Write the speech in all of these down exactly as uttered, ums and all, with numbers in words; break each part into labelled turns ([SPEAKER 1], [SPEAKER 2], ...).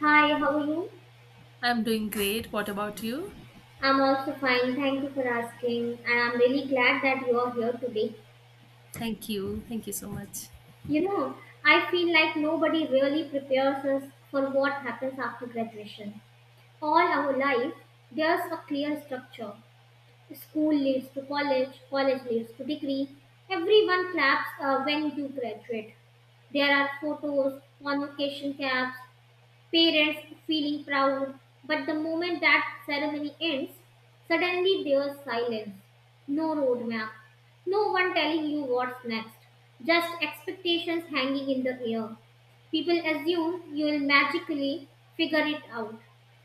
[SPEAKER 1] Hi, how are you?
[SPEAKER 2] I'm doing great. What about you?
[SPEAKER 1] I'm also fine. Thank you for asking. And I'm really glad that you are here today.
[SPEAKER 2] Thank you. Thank you so much.
[SPEAKER 1] You know, I feel like nobody really prepares us for what happens after graduation. All our life, there's a clear structure. School leads to college, college leads to degree. Everyone claps uh, when you graduate. There are photos, convocation caps, parents feeling proud. But the moment that ceremony ends, suddenly there's silence. No roadmap. No one telling you what's next. Just expectations hanging in the air. People assume you will magically figure it out.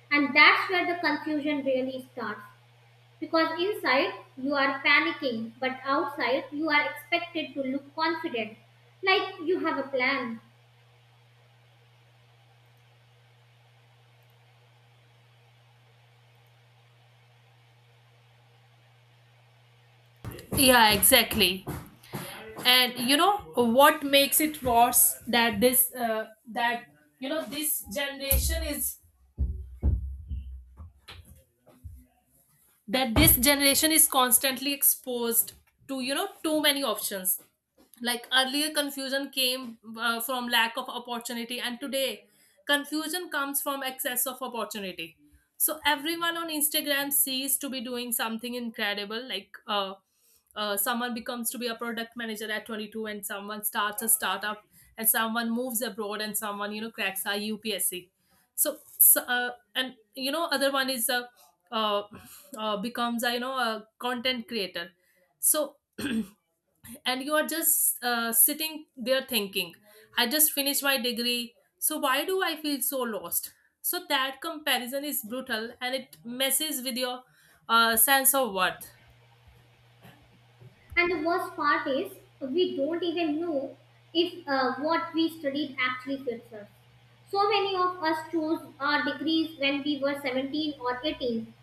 [SPEAKER 1] And that's where the confusion really starts. Because inside you are panicking, but outside you are expected to look confident, like you have a plan.
[SPEAKER 2] Yeah, exactly. And you know what makes it worse that this uh, that you know this generation is that this generation is constantly exposed to you know too many options. Like earlier confusion came uh, from lack of opportunity, and today confusion comes from excess of opportunity. So everyone on Instagram sees to be doing something incredible, like uh, uh, someone becomes to be a product manager at twenty-two, and someone starts a startup, and someone moves abroad, and someone you know cracks a U P S C. so, so uh, and you know other one is uh, uh, uh, becomes a you know a content creator. So and you are just uh, sitting there thinking, I just finished my degree, so why do I feel so lost? So that comparison is brutal, and it messes with your uh, sense of worth.
[SPEAKER 1] And the worst part is, we don't even know if uh, what we studied actually fits us. So many of us chose our degrees when we were seventeen or eighteen.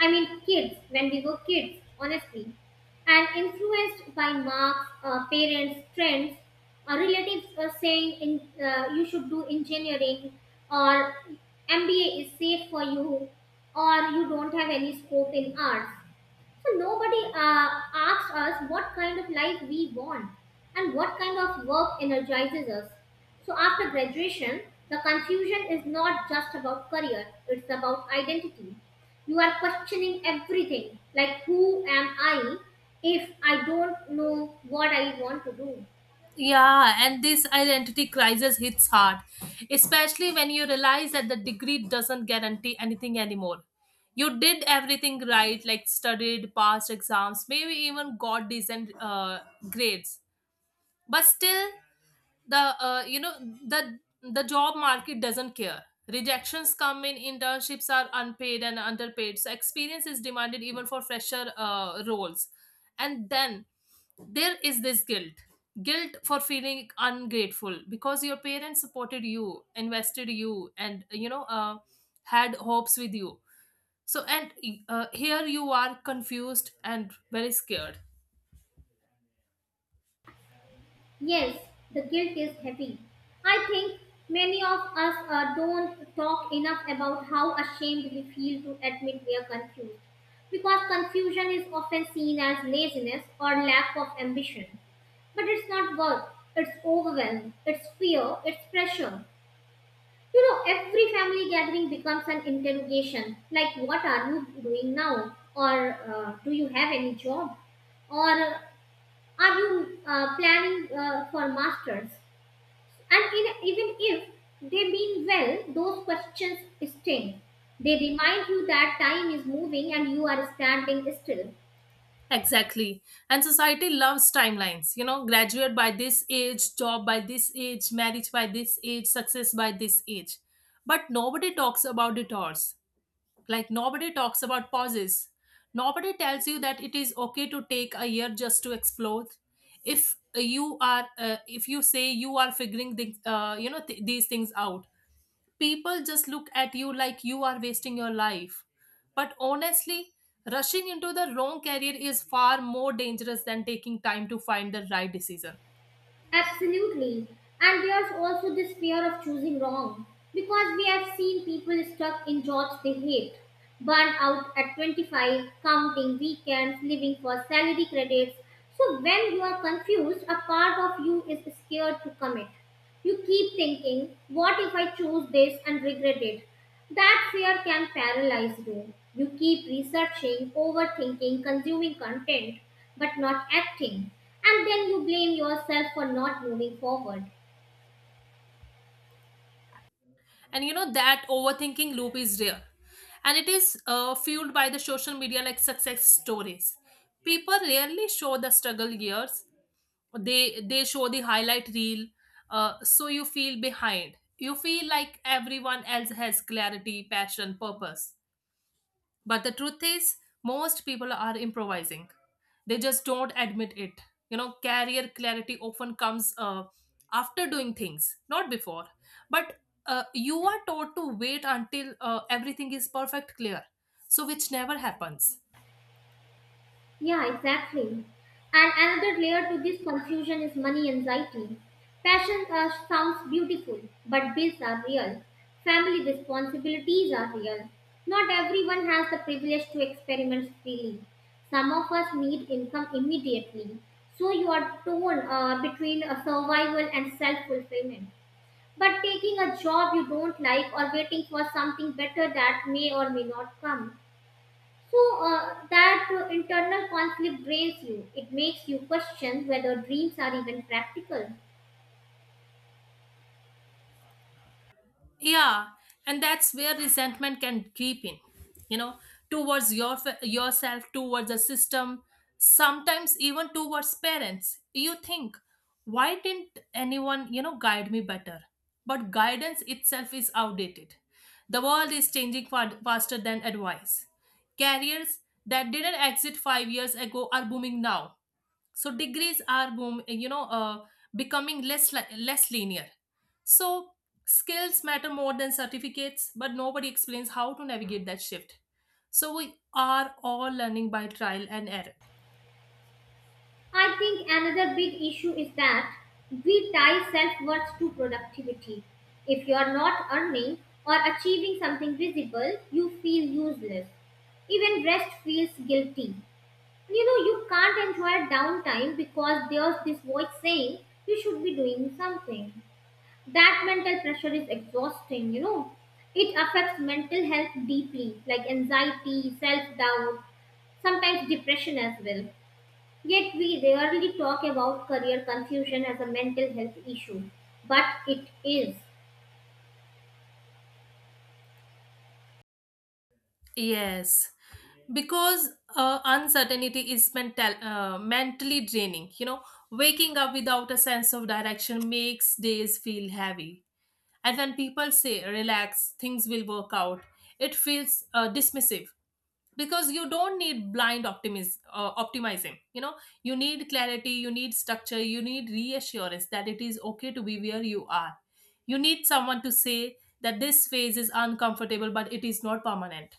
[SPEAKER 1] I mean, kids, when we were kids, honestly. And influenced by marks, uh, parents, trends, our relatives were saying in, uh, you should do engineering, or M B A is safe for you, or you don't have any scope in arts. So nobody uh, asks us what kind of life we want and what kind of work energizes us. So after graduation, the confusion is not just about career, it's about identity. You are questioning everything, like who am I if I don't know what I want to do?
[SPEAKER 2] Yeah, and this identity crisis hits hard, especially when you realize that the degree doesn't guarantee anything anymore. You did everything right, like studied, passed exams, maybe even got decent uh, grades, but still, the uh, you know, the the job market doesn't care. Rejections come in, internships are unpaid and underpaid, so experience is demanded even for fresher uh, roles. And then there is this guilt, guilt for feeling ungrateful because your parents supported you, invested you, and you know uh, had hopes with you. So and uh, here you are, confused and very scared.
[SPEAKER 1] Yes, the guilt is heavy. I think many of us uh, don't talk enough about how ashamed we feel to admit we are confused. Because confusion is often seen as laziness or lack of ambition. But it's not work, it's overwhelm, it's fear, it's pressure. You know, every family gathering becomes an interrogation, like, what are you doing now? Or uh, do you have any job? Or are you uh, planning uh, for masters? And in, even if they mean well, those questions sting. They remind you that time is moving and you are standing still.
[SPEAKER 2] Exactly. And society loves timelines. You know, graduate by this age, job by this age, marriage by this age, success by this age. But nobody talks about detours. Like, nobody talks about pauses. Nobody tells you that it is okay to take a year just to explore. If you are, uh, if you say you are figuring the, uh, you know, th- these things out, people just look at you like you are wasting your life. But honestly, rushing into the wrong career is far more dangerous than taking time to find the right decision.
[SPEAKER 1] Absolutely. And there's also this fear of choosing wrong because we have seen people stuck in jobs they hate, burn out at twenty-five, counting weekends, living for salary credits. So when you are confused, a part of you is scared to commit. You keep thinking, what if I choose this and regret it? That fear can paralyze you. You keep researching, overthinking, consuming content, but not acting. And then you blame yourself for not moving forward.
[SPEAKER 2] And you know that overthinking loop is real. And it is uh, fueled by the social media like success stories. People rarely show the struggle years. They they show the highlight reel, uh, so you feel behind. You feel like everyone else has clarity, passion, purpose. But the truth is, most people are improvising. They just don't admit it. You know, career clarity often comes uh, after doing things, not before. But uh, you are taught to wait until uh, everything is perfect clear, so which never happens.
[SPEAKER 1] Yeah, exactly. And another layer to this confusion is money anxiety. Passion uh, sounds beautiful, but bills are real. Family responsibilities are real. Not everyone has the privilege to experiment freely. Some of us need income immediately. So you are torn uh, between a survival and self fulfillment. But taking a job you don't like or waiting for something better that may or may not come, so uh, that uh, internal conflict drains you. It makes you question whether dreams are even practical.
[SPEAKER 2] Yeah, and that's where resentment can creep in, you know, towards your yourself, towards the system, sometimes even towards parents. You think, why didn't anyone you know guide me better? But guidance itself is outdated. The world is changing fa- faster than advice. Careers that didn't exist five years ago are booming now. So degrees are boom, you know, uh, becoming less li- less linear. So skills matter more than certificates, but nobody explains how to navigate that shift. So we are all learning by trial and error.
[SPEAKER 1] I think another big issue is that we tie self worth to productivity. If you are not earning or achieving something visible, you feel useless. Even rest feels guilty. You know, you can't enjoy downtime because there's this voice saying you should be doing something. That mental pressure is exhausting, you know. It affects mental health deeply, like anxiety, self-doubt, sometimes depression as well. Yet we rarely talk about career confusion as a mental health issue, but it is.
[SPEAKER 2] Yes, because uh, uncertainty is mental uh, mentally draining, you know. Waking up without a sense of direction makes days feel heavy. And when people say relax, things will work out, it feels uh, dismissive. Because you don't need blind optimism uh, optimism, you know. You need clarity, you need structure, you need reassurance that it is okay to be where you are. You need someone to say that this phase is uncomfortable, but it is not permanent.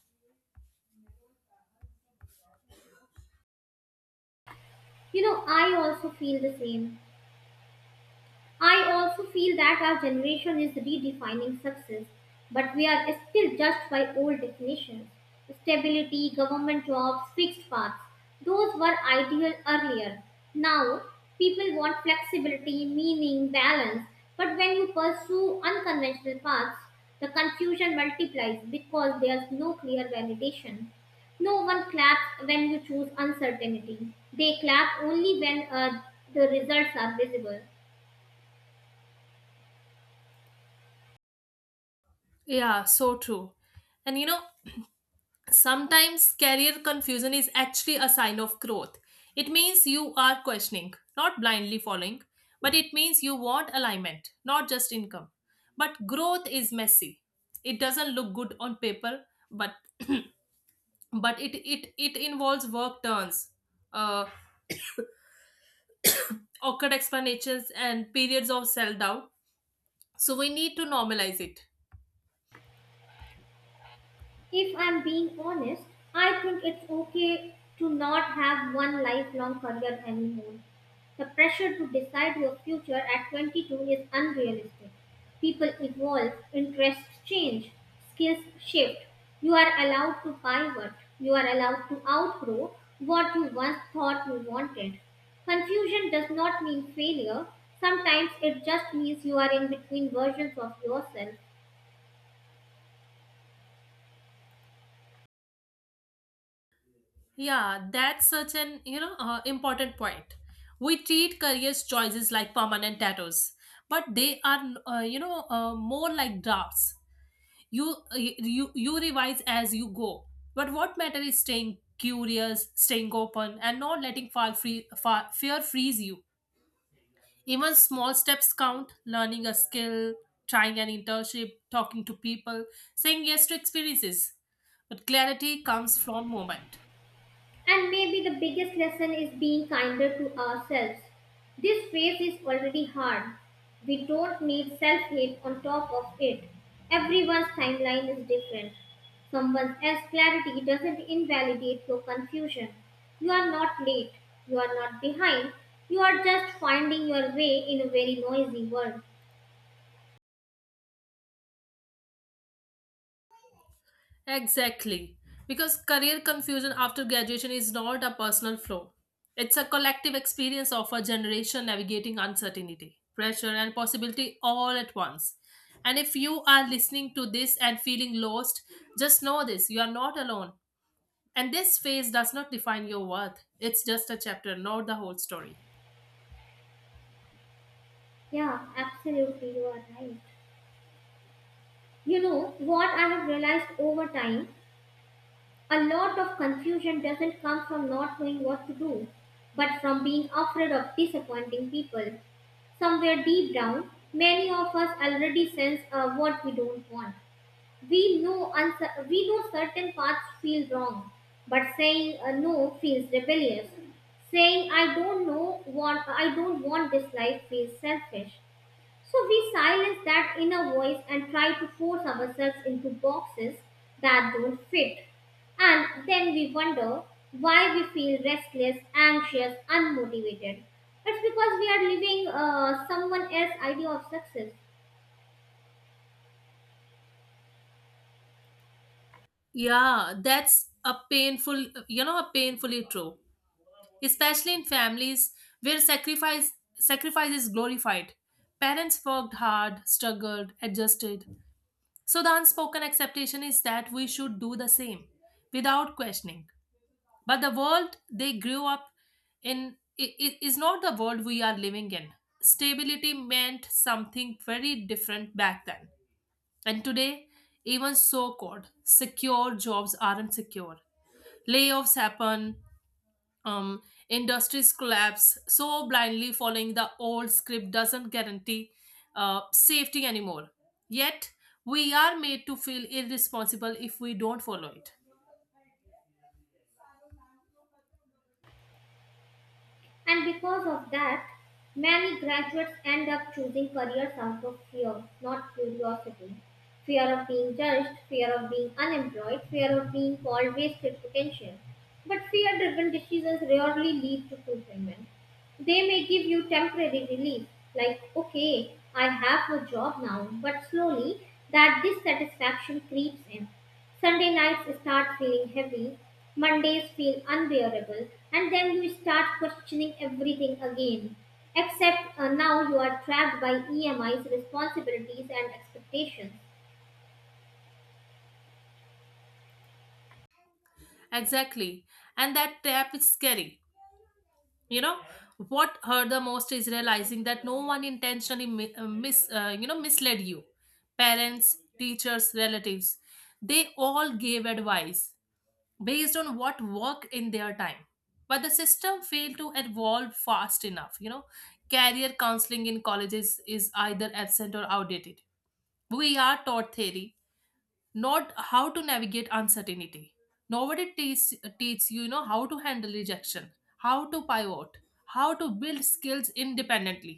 [SPEAKER 1] You know, I also feel the same. I also feel that our generation is redefining success, but we are still judged by old definitions. Stability, government jobs, fixed paths. Those were ideal earlier. Now, people want flexibility, meaning, balance. But when you pursue unconventional paths, the confusion multiplies because there's no clear validation. No one claps when you choose uncertainty. They clap only when uh, the results are visible.
[SPEAKER 2] Yeah, so true. And you know, sometimes career confusion is actually a sign of growth. It means you are questioning, not blindly following, but it means you want alignment, not just income. But growth is messy. It doesn't look good on paper, but but it it it involves work turns, uh, awkward explanations, and periods of self doubt. So we need to normalize it.
[SPEAKER 1] If I'm being honest, I think it's okay to not have one lifelong career anymore. The pressure to decide your future at twenty-two is unrealistic. People evolve, interests change, skills shift. You are allowed to pivot, you are allowed to outgrow what you once thought you wanted. Confusion does not mean failure, sometimes it just means you are in between versions of yourself.
[SPEAKER 2] Yeah, that's such an, you know, uh, important point. We treat career choices like permanent tattoos, but they are, uh, you know, uh, more like drafts. You, uh, you you revise as you go. But what matters is staying curious, staying open, and not letting fall free, fa fear freeze you. Even small steps count. Learning a skill, trying an internship, talking to people, saying yes to experiences. But clarity comes from moment.
[SPEAKER 1] And maybe the biggest lesson is being kinder to ourselves. This phase is already hard. We don't need self hate on top of it. Everyone's timeline is different. Someone else's clarity doesn't invalidate your confusion. You are not late. You are not behind. You are just finding your way in a very noisy world.
[SPEAKER 2] Exactly. Because career confusion after graduation is not a personal flaw. It's a collective experience of a generation navigating uncertainty, pressure, and possibility all at once. And if you are listening to this and feeling lost, just know this, you are not alone. And this phase does not define your worth. It's just a chapter, not the whole story.
[SPEAKER 1] Yeah, absolutely, you are right. You know what I have realized over time? A lot of confusion doesn't come from not knowing what to do, but from being afraid of disappointing people. Somewhere deep down, many of us already sense uh, what we don't want. We know uncer- we know certain paths feel wrong, but saying uh, no feels rebellious. Saying I don't know want I don't want this life feels selfish. So we silence that inner voice and try to force ourselves into boxes that don't fit. And then we wonder why we feel restless, anxious, unmotivated. It's because we are living uh, someone else's idea of success.
[SPEAKER 2] Yeah, that's a painful, you know, a painfully true. Especially in families where sacrifice sacrifice is glorified. Parents worked hard, struggled, adjusted. So the unspoken expectation is that we should do the same without questioning. But the world they grew up in i- i- is not the world we are living in. Stability meant something very different back then. And today, even so called secure jobs aren't secure. Layoffs happen, um, industries collapse. So blindly following the old script doesn't guarantee uh, safety anymore, yet we are made to feel irresponsible if we don't follow it.
[SPEAKER 1] And because of that, many graduates end up choosing careers out of fear, not curiosity. Fear of being judged, fear of being unemployed, fear of being called wasted potential. But fear driven decisions rarely lead to fulfillment. They may give you temporary relief, like, okay, I have a job now, but slowly that dissatisfaction creeps in. Sunday nights start feeling heavy, Mondays feel unbearable, and then you start questioning everything again. Except uh, now you are trapped by E M Is, responsibilities, and expectations.
[SPEAKER 2] Exactly. And that trap is scary, you know. What hurt the most is realizing that no one intentionally mi- uh, mis uh, you know misled you. Parents, teachers, relatives, they all gave advice based on what worked in their time, but the system failed to evolve fast enough, you know. Career counseling in colleges is either absent or outdated. We are taught theory, not how to navigate uncertainty. Nobody teaches teach you, you know, how to handle rejection, how to pivot, how to build skills independently.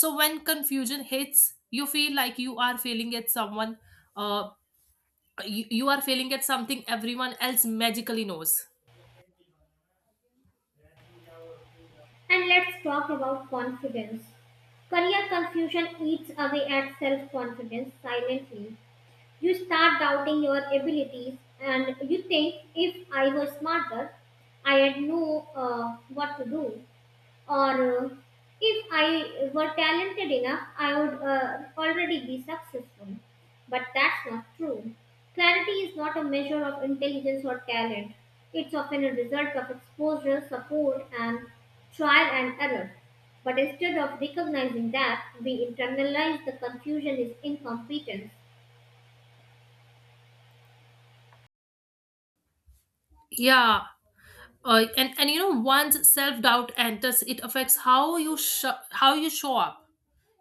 [SPEAKER 2] So when confusion hits, you feel like you are failing at someone uh, you, you are failing at something everyone else magically knows.
[SPEAKER 1] And let's talk about confidence. Career confusion eats away at self confidence silently. You start doubting your abilities, and you think if I were smarter, I would know uh, what to do. or uh, if I were talented enough, I would uh, already be successful. But that's not true. Clarity is not a measure of intelligence or talent. It's often a result of exposure, support, and trial and error. But instead of recognizing that, we internalize the confusion is incompetence.
[SPEAKER 2] Yeah. Uh, and and you know, once self doubt enters, it affects how you sh- how you show up.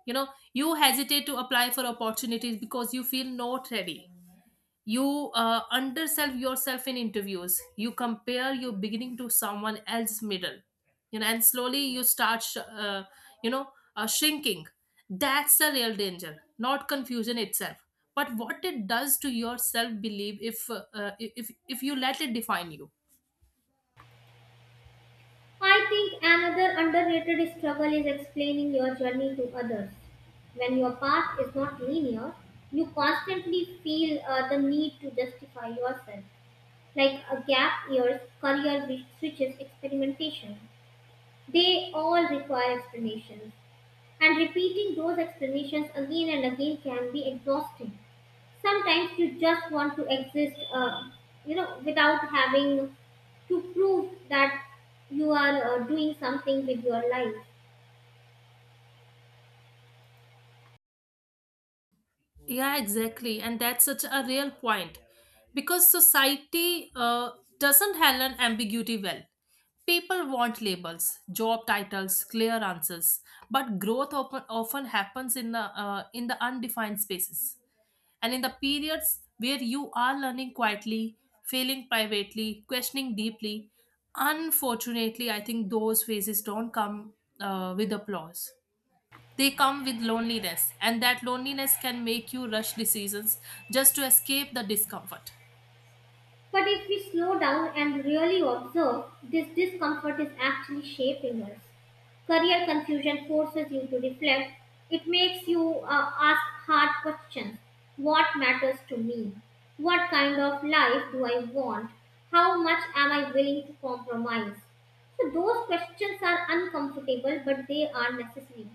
[SPEAKER 2] You know, you hesitate to apply for opportunities because you feel not ready. You uh, undersell yourself in interviews. You compare your beginning to someone else's middle, you know. And slowly you start sh- uh, you know uh, shrinking. That's the real danger, not confusion itself, but what it does to your self belief if uh, uh, if if you let it define you.
[SPEAKER 1] I think another underrated struggle is explaining your journey to others. When your path is not linear, you constantly feel uh, the need to justify yourself. Like a gap years, career wi- switches, experimentation. They all require explanations. And repeating those explanations again and again can be exhausting. Sometimes you just want to exist, uh, you know, without having to prove that you are uh, doing something with your life.
[SPEAKER 2] Yeah, exactly. And that's such a real point, because society uh, doesn't handle ambiguity well. People want labels, job titles, clear answers, but growth often, often happens in the, uh, in the undefined spaces, and in the periods where you are learning quietly, failing privately, questioning deeply. Unfortunately, I think those phases don't come uh, with applause. They come with loneliness, and that loneliness can make you rush decisions just to escape the discomfort.
[SPEAKER 1] But if we slow down and really observe, this discomfort is actually shaping us. Career confusion forces you to reflect. It makes you uh, ask hard questions. What matters to me? What kind of life do I want? How much am I willing to compromise? So, those questions are uncomfortable, but they are necessary.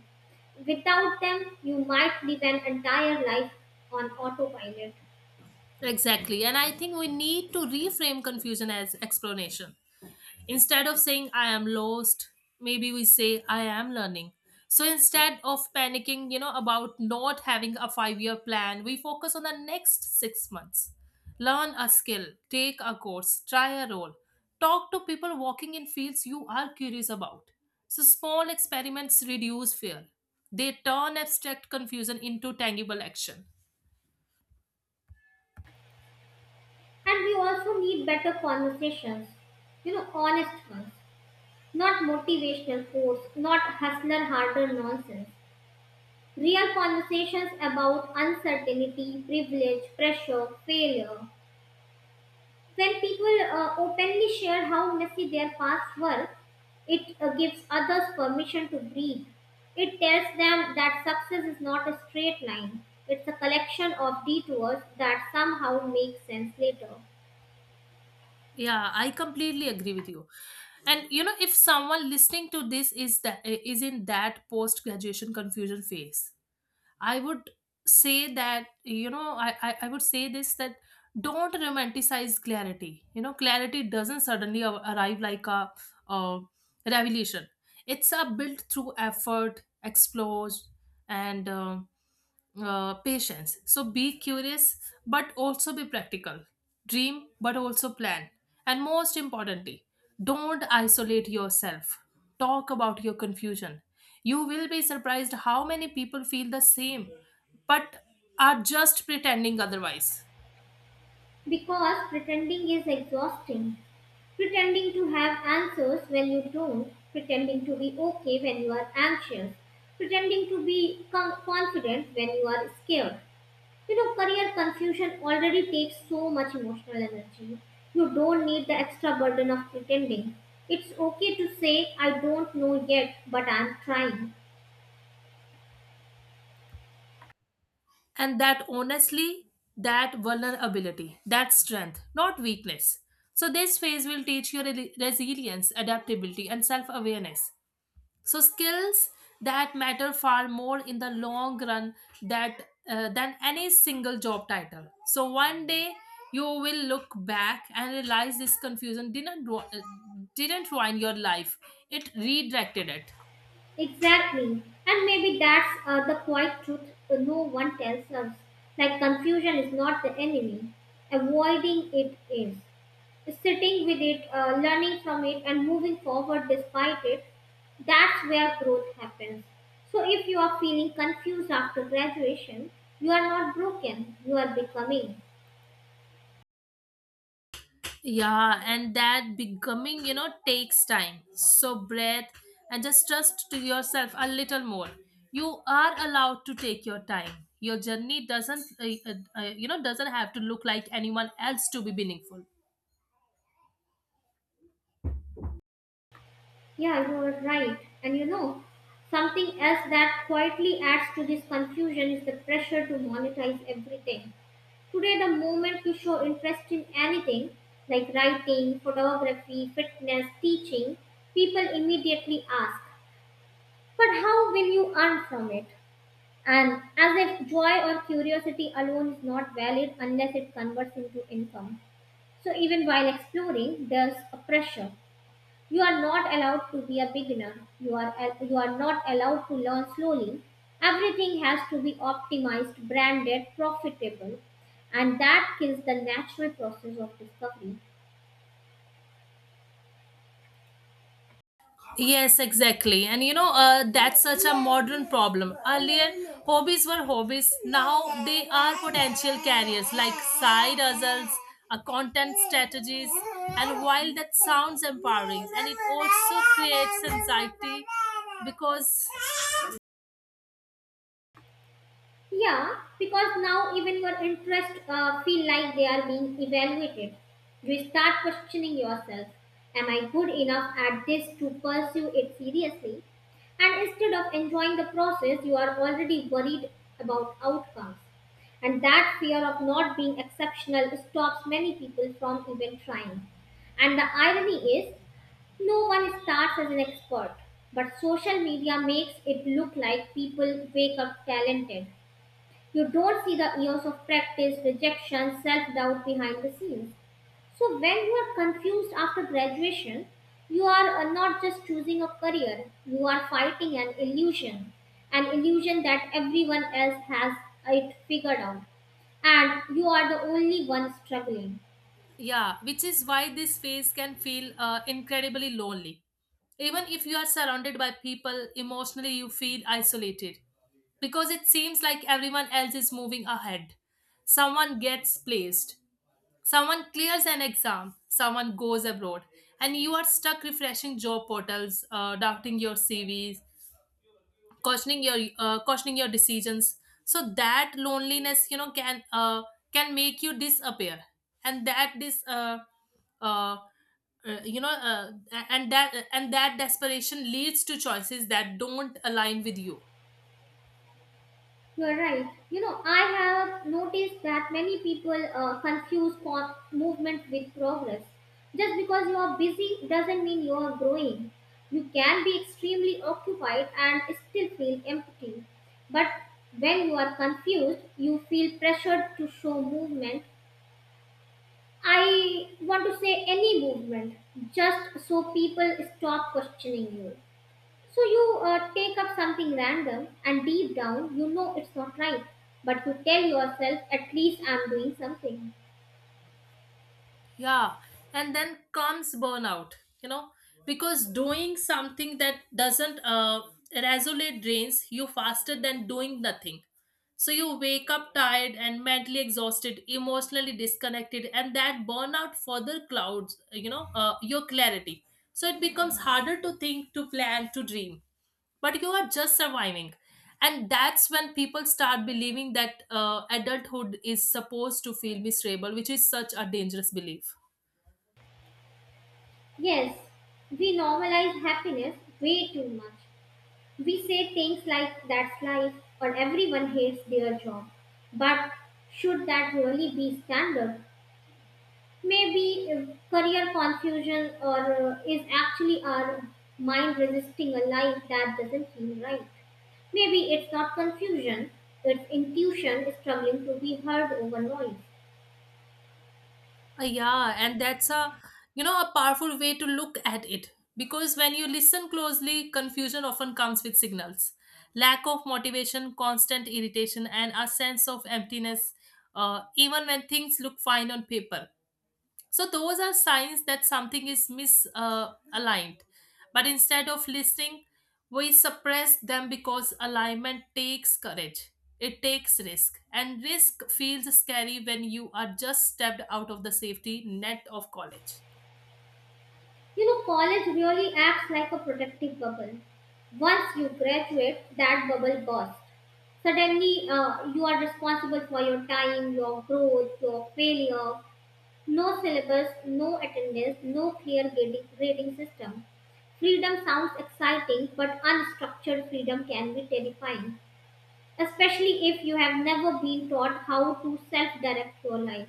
[SPEAKER 1] Without them, you might live an entire life on autopilot.
[SPEAKER 2] Exactly. And I think we need to reframe confusion as explanation. Instead of saying I am lost, maybe we say I am learning. So instead of panicking, you know, about not having a five year plan, we focus on the next six months. Learn a skill, take a course, try a role, talk to people walking in fields you are curious about. So small experiments reduce fear. They turn abstract confusion into tangible action.
[SPEAKER 1] And we also need better conversations, you know, honest ones, not motivational quotes, not hustler harder nonsense. Real conversations about uncertainty, privilege, pressure, failure. When people uh, openly share how messy their past were, it uh, gives others permission to breathe. It tells them that success is not a straight line, it's a collection of detours that somehow make sense later.
[SPEAKER 2] Yeah, I completely agree with you. And you know, if someone listening to this is that is in that post graduation confusion phase, I would say that you know, I, I I would say this, that don't romanticize clarity. You know, clarity doesn't suddenly ar- arrive like a uh, revelation. It's a built through effort, explores, and. um uh, patience. So be curious, but also be practical. Dream, but also plan. And most importantly, don't isolate yourself. Talk about your confusion. You will be surprised how many people feel the same, but are just pretending otherwise.
[SPEAKER 1] Because pretending is exhausting. Pretending to have answers when you don't. Pretending to be okay when you are anxious. Pretending to be com- confident when you are scared. You know, career confusion already takes so much emotional energy. You don't need the extra burden of pretending. It's okay to say, I don't know yet, but I'm trying.
[SPEAKER 2] And that honestly, that vulnerability, that strength, not weakness. So, this phase will teach you re- resilience, adaptability, and self awareness, so skills that matter far more in the long run that uh, than any single job title. So one day you will look back and realize this confusion didn't ru- uh, didn't ruin your life, it redirected it.
[SPEAKER 1] Exactly. And maybe that's uh, the quiet truth uh, no one tells us. Like confusion is not the enemy, avoiding it is. Sitting with it, uh, learning from it, and moving forward despite it, that's where growth happens. So if you are feeling confused after graduation, you are not broken, you are becoming.
[SPEAKER 2] Yeah, and that becoming, you know, takes time. So breath, and just trust to yourself a little more. You are allowed to take your time. Your journey doesn't uh, uh, uh, you know doesn't have to look like anyone else to be meaningful.
[SPEAKER 1] Yeah, you are right. And you know, something else that quietly adds to this confusion is the pressure to monetize everything. Today, the moment you show interest in anything like writing, photography, fitness, teaching, people immediately ask, but how will you earn from it? And as if joy or curiosity alone is not valid unless it converts into income. So, even while exploring, there's a pressure. You are not allowed to be a beginner. You are al- you are not allowed to learn slowly. Everything has to be optimized, branded, profitable, and that kills the natural process of discovery.
[SPEAKER 2] Yes, exactly. And you know, uh, that's such a modern problem. Earlier, hobbies were hobbies. Now they are potential careers like side hustles, uh, content strategies. And while that sounds empowering, and it also creates anxiety because,
[SPEAKER 1] Yeah, because now even your interests uh, feel like they are being evaluated. You start questioning yourself, am I good enough at this to pursue it seriously? And instead of enjoying the process, you are already worried about outcomes. And that fear of not being exceptional stops many people from even trying. And the irony is, no one starts as an expert, but social media makes it look like people wake up talented. You don't see the years of practice, rejection, self doubt behind the scenes. So, when you are confused after graduation, you are uh, not just choosing a career, you are fighting an illusion, an illusion that everyone else has it figured out, and you are the only one struggling.
[SPEAKER 2] yeah, which is why this phase can feel uh, incredibly lonely. Even if you are surrounded by people, emotionally you feel isolated, because it seems like everyone else is moving ahead. Someone gets placed, someone clears an exam, someone goes abroad, and you are stuck refreshing job portals, uh, doubting your C Vs, questioning your uh, questioning your decisions. So that loneliness, you know, can uh, can make you disappear. And that this uh, uh, uh, you know uh, a- and that and that desperation leads to choices that don't align with you.
[SPEAKER 1] You're right. You know, I have noticed that many people uh, confuse con- movement with progress. Just because you are busy doesn't mean you are growing. You can be extremely occupied and still feel empty. But when you are confused, you feel pressured to show movement. I want to say any movement, just so people stop questioning you. So you uh, take up something random, and deep down, you know it's not right, but you tell yourself, at least I'm doing something.
[SPEAKER 2] Yeah, and then comes burnout, you know, because doing something that doesn't uh, resonate drains you faster than doing nothing. So you wake up tired and mentally exhausted, emotionally disconnected, and that burnout further clouds, you know, uh, your clarity. So it becomes harder to think, to plan, to dream. But you are just surviving. And that's when people start believing that uh, adulthood is supposed to feel miserable, which is such a dangerous belief.
[SPEAKER 1] Yes, we normalize happiness way too much. We say things like, that's life, or everyone hates their job. But should that really be standard? Maybe uh, career confusion or uh, is actually our mind resisting a life that doesn't feel right. Maybe it's not confusion, it's intuition struggling to be heard over noise.
[SPEAKER 2] Uh, yeah, and that's a, you know, a powerful way to look at it, because when you listen closely, confusion often comes with signals, lack of motivation, constant irritation, and a sense of emptiness, uh, even when things look fine on paper. So those are signs that something is misaligned. Uh, aligned. But instead of listening, we suppress them, because alignment takes courage. It takes risk. And risk feels scary when you are just stepped out of the safety net of college.
[SPEAKER 1] You know, college really acts like a protective bubble. Once you graduate, that bubble bursts. Suddenly, uh, you are responsible for your time, your growth, your failure. No syllabus, no attendance, no clear grading, grading system. Freedom sounds exciting, but unstructured freedom can be terrifying, especially if you have never been taught how to self direct your life.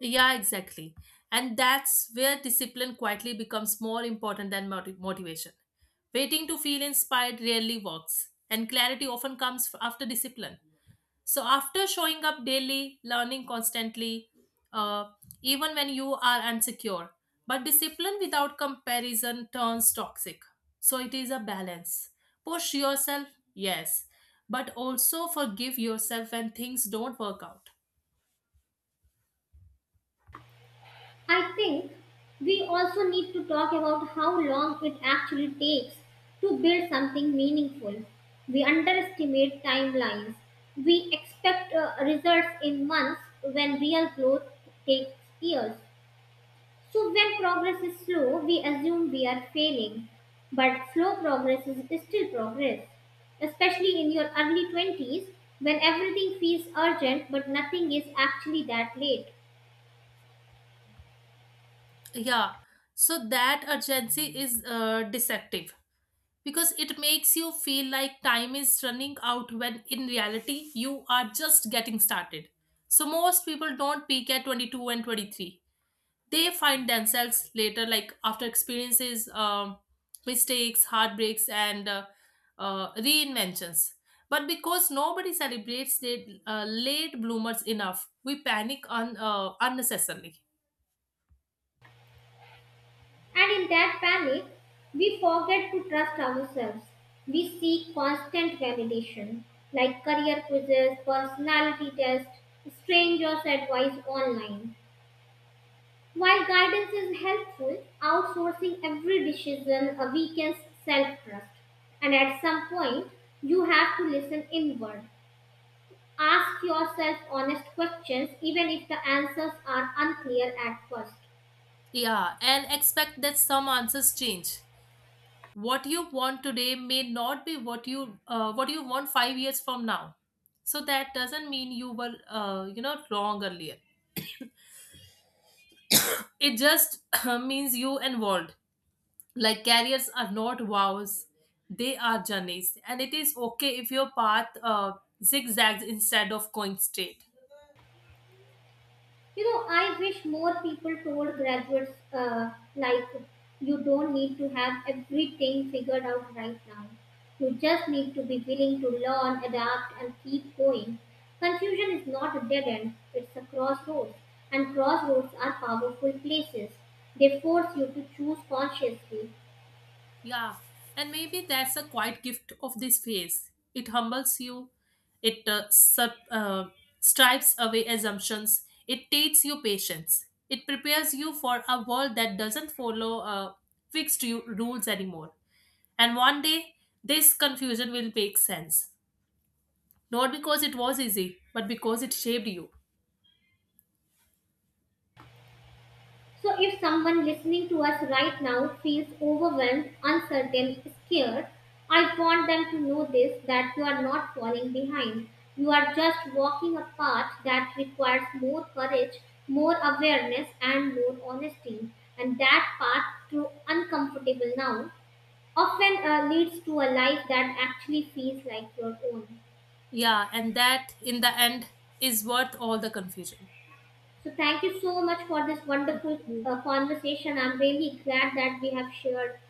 [SPEAKER 2] Yeah, exactly. And that's where discipline quietly becomes more important than moti- motivation. Waiting to feel inspired rarely works, and clarity often comes f- after discipline. So after showing up daily, learning constantly, uh, even when you are insecure, but discipline without comparison turns toxic. So it is a balance. Push yourself, yes, but also forgive yourself when things don't work out.
[SPEAKER 1] I think we also need to talk about how long it actually takes to build something meaningful. We underestimate timelines. We expect uh, results in months when real growth takes years. So, when progress is slow, we assume we are failing. But slow progress is still progress, especially in your early twenties when everything feels urgent but nothing is actually that late.
[SPEAKER 2] Yeah, so that urgency is uh, deceptive, because it makes you feel like time is running out when in reality you are just getting started. So most people don't peak at twenty-two and twenty-three. They find themselves later like after experiences, um, mistakes, heartbreaks, and uh, uh, reinventions. But because nobody celebrates the uh, late bloomers enough, we panic un- uh, unnecessarily.
[SPEAKER 1] And in that panic, we forget to trust ourselves. We seek constant validation, like career quizzes, personality tests, strangers' advice online. While guidance is helpful, outsourcing every decision uh, weakens self trust. And at some point, you have to listen inward. Ask yourself honest questions, even if the answers are unclear at first.
[SPEAKER 2] Yeah, and expect that some answers change. What you want today may not be what you uh, what you want five years from now. So that doesn't mean you were uh, you know wrong earlier, it just means you evolved. Like careers are not vows, they are journeys, and it is okay if your path uh, zigzags instead of going straight.
[SPEAKER 1] You know, I wish more people told graduates, uh, like, you don't need to have everything figured out right now. You just need to be willing to learn, adapt, and keep going. Confusion is not a dead end, it's a crossroads. And crossroads are powerful places. They force you to choose consciously.
[SPEAKER 2] Yeah, and maybe that's a quiet gift of this phase. It humbles you, it uh, sub, uh, stripes away assumptions, it takes you patience, it prepares you for a world that doesn't follow uh, fixed u- rules anymore. And one day this confusion will make sense, not because it was easy, but because it shaped you.
[SPEAKER 1] So, if someone listening to us right now feels overwhelmed, uncertain, scared, I want them to know this, that you are not falling behind. You are just walking a path that requires more courage, more awareness, and more honesty. And that path, through uncomfortable now, often uh, leads to a life that actually feels like your own.
[SPEAKER 2] Yeah, and that in the end is worth all the confusion.
[SPEAKER 1] So, thank you so much for this wonderful uh, conversation. I'm really glad that we have shared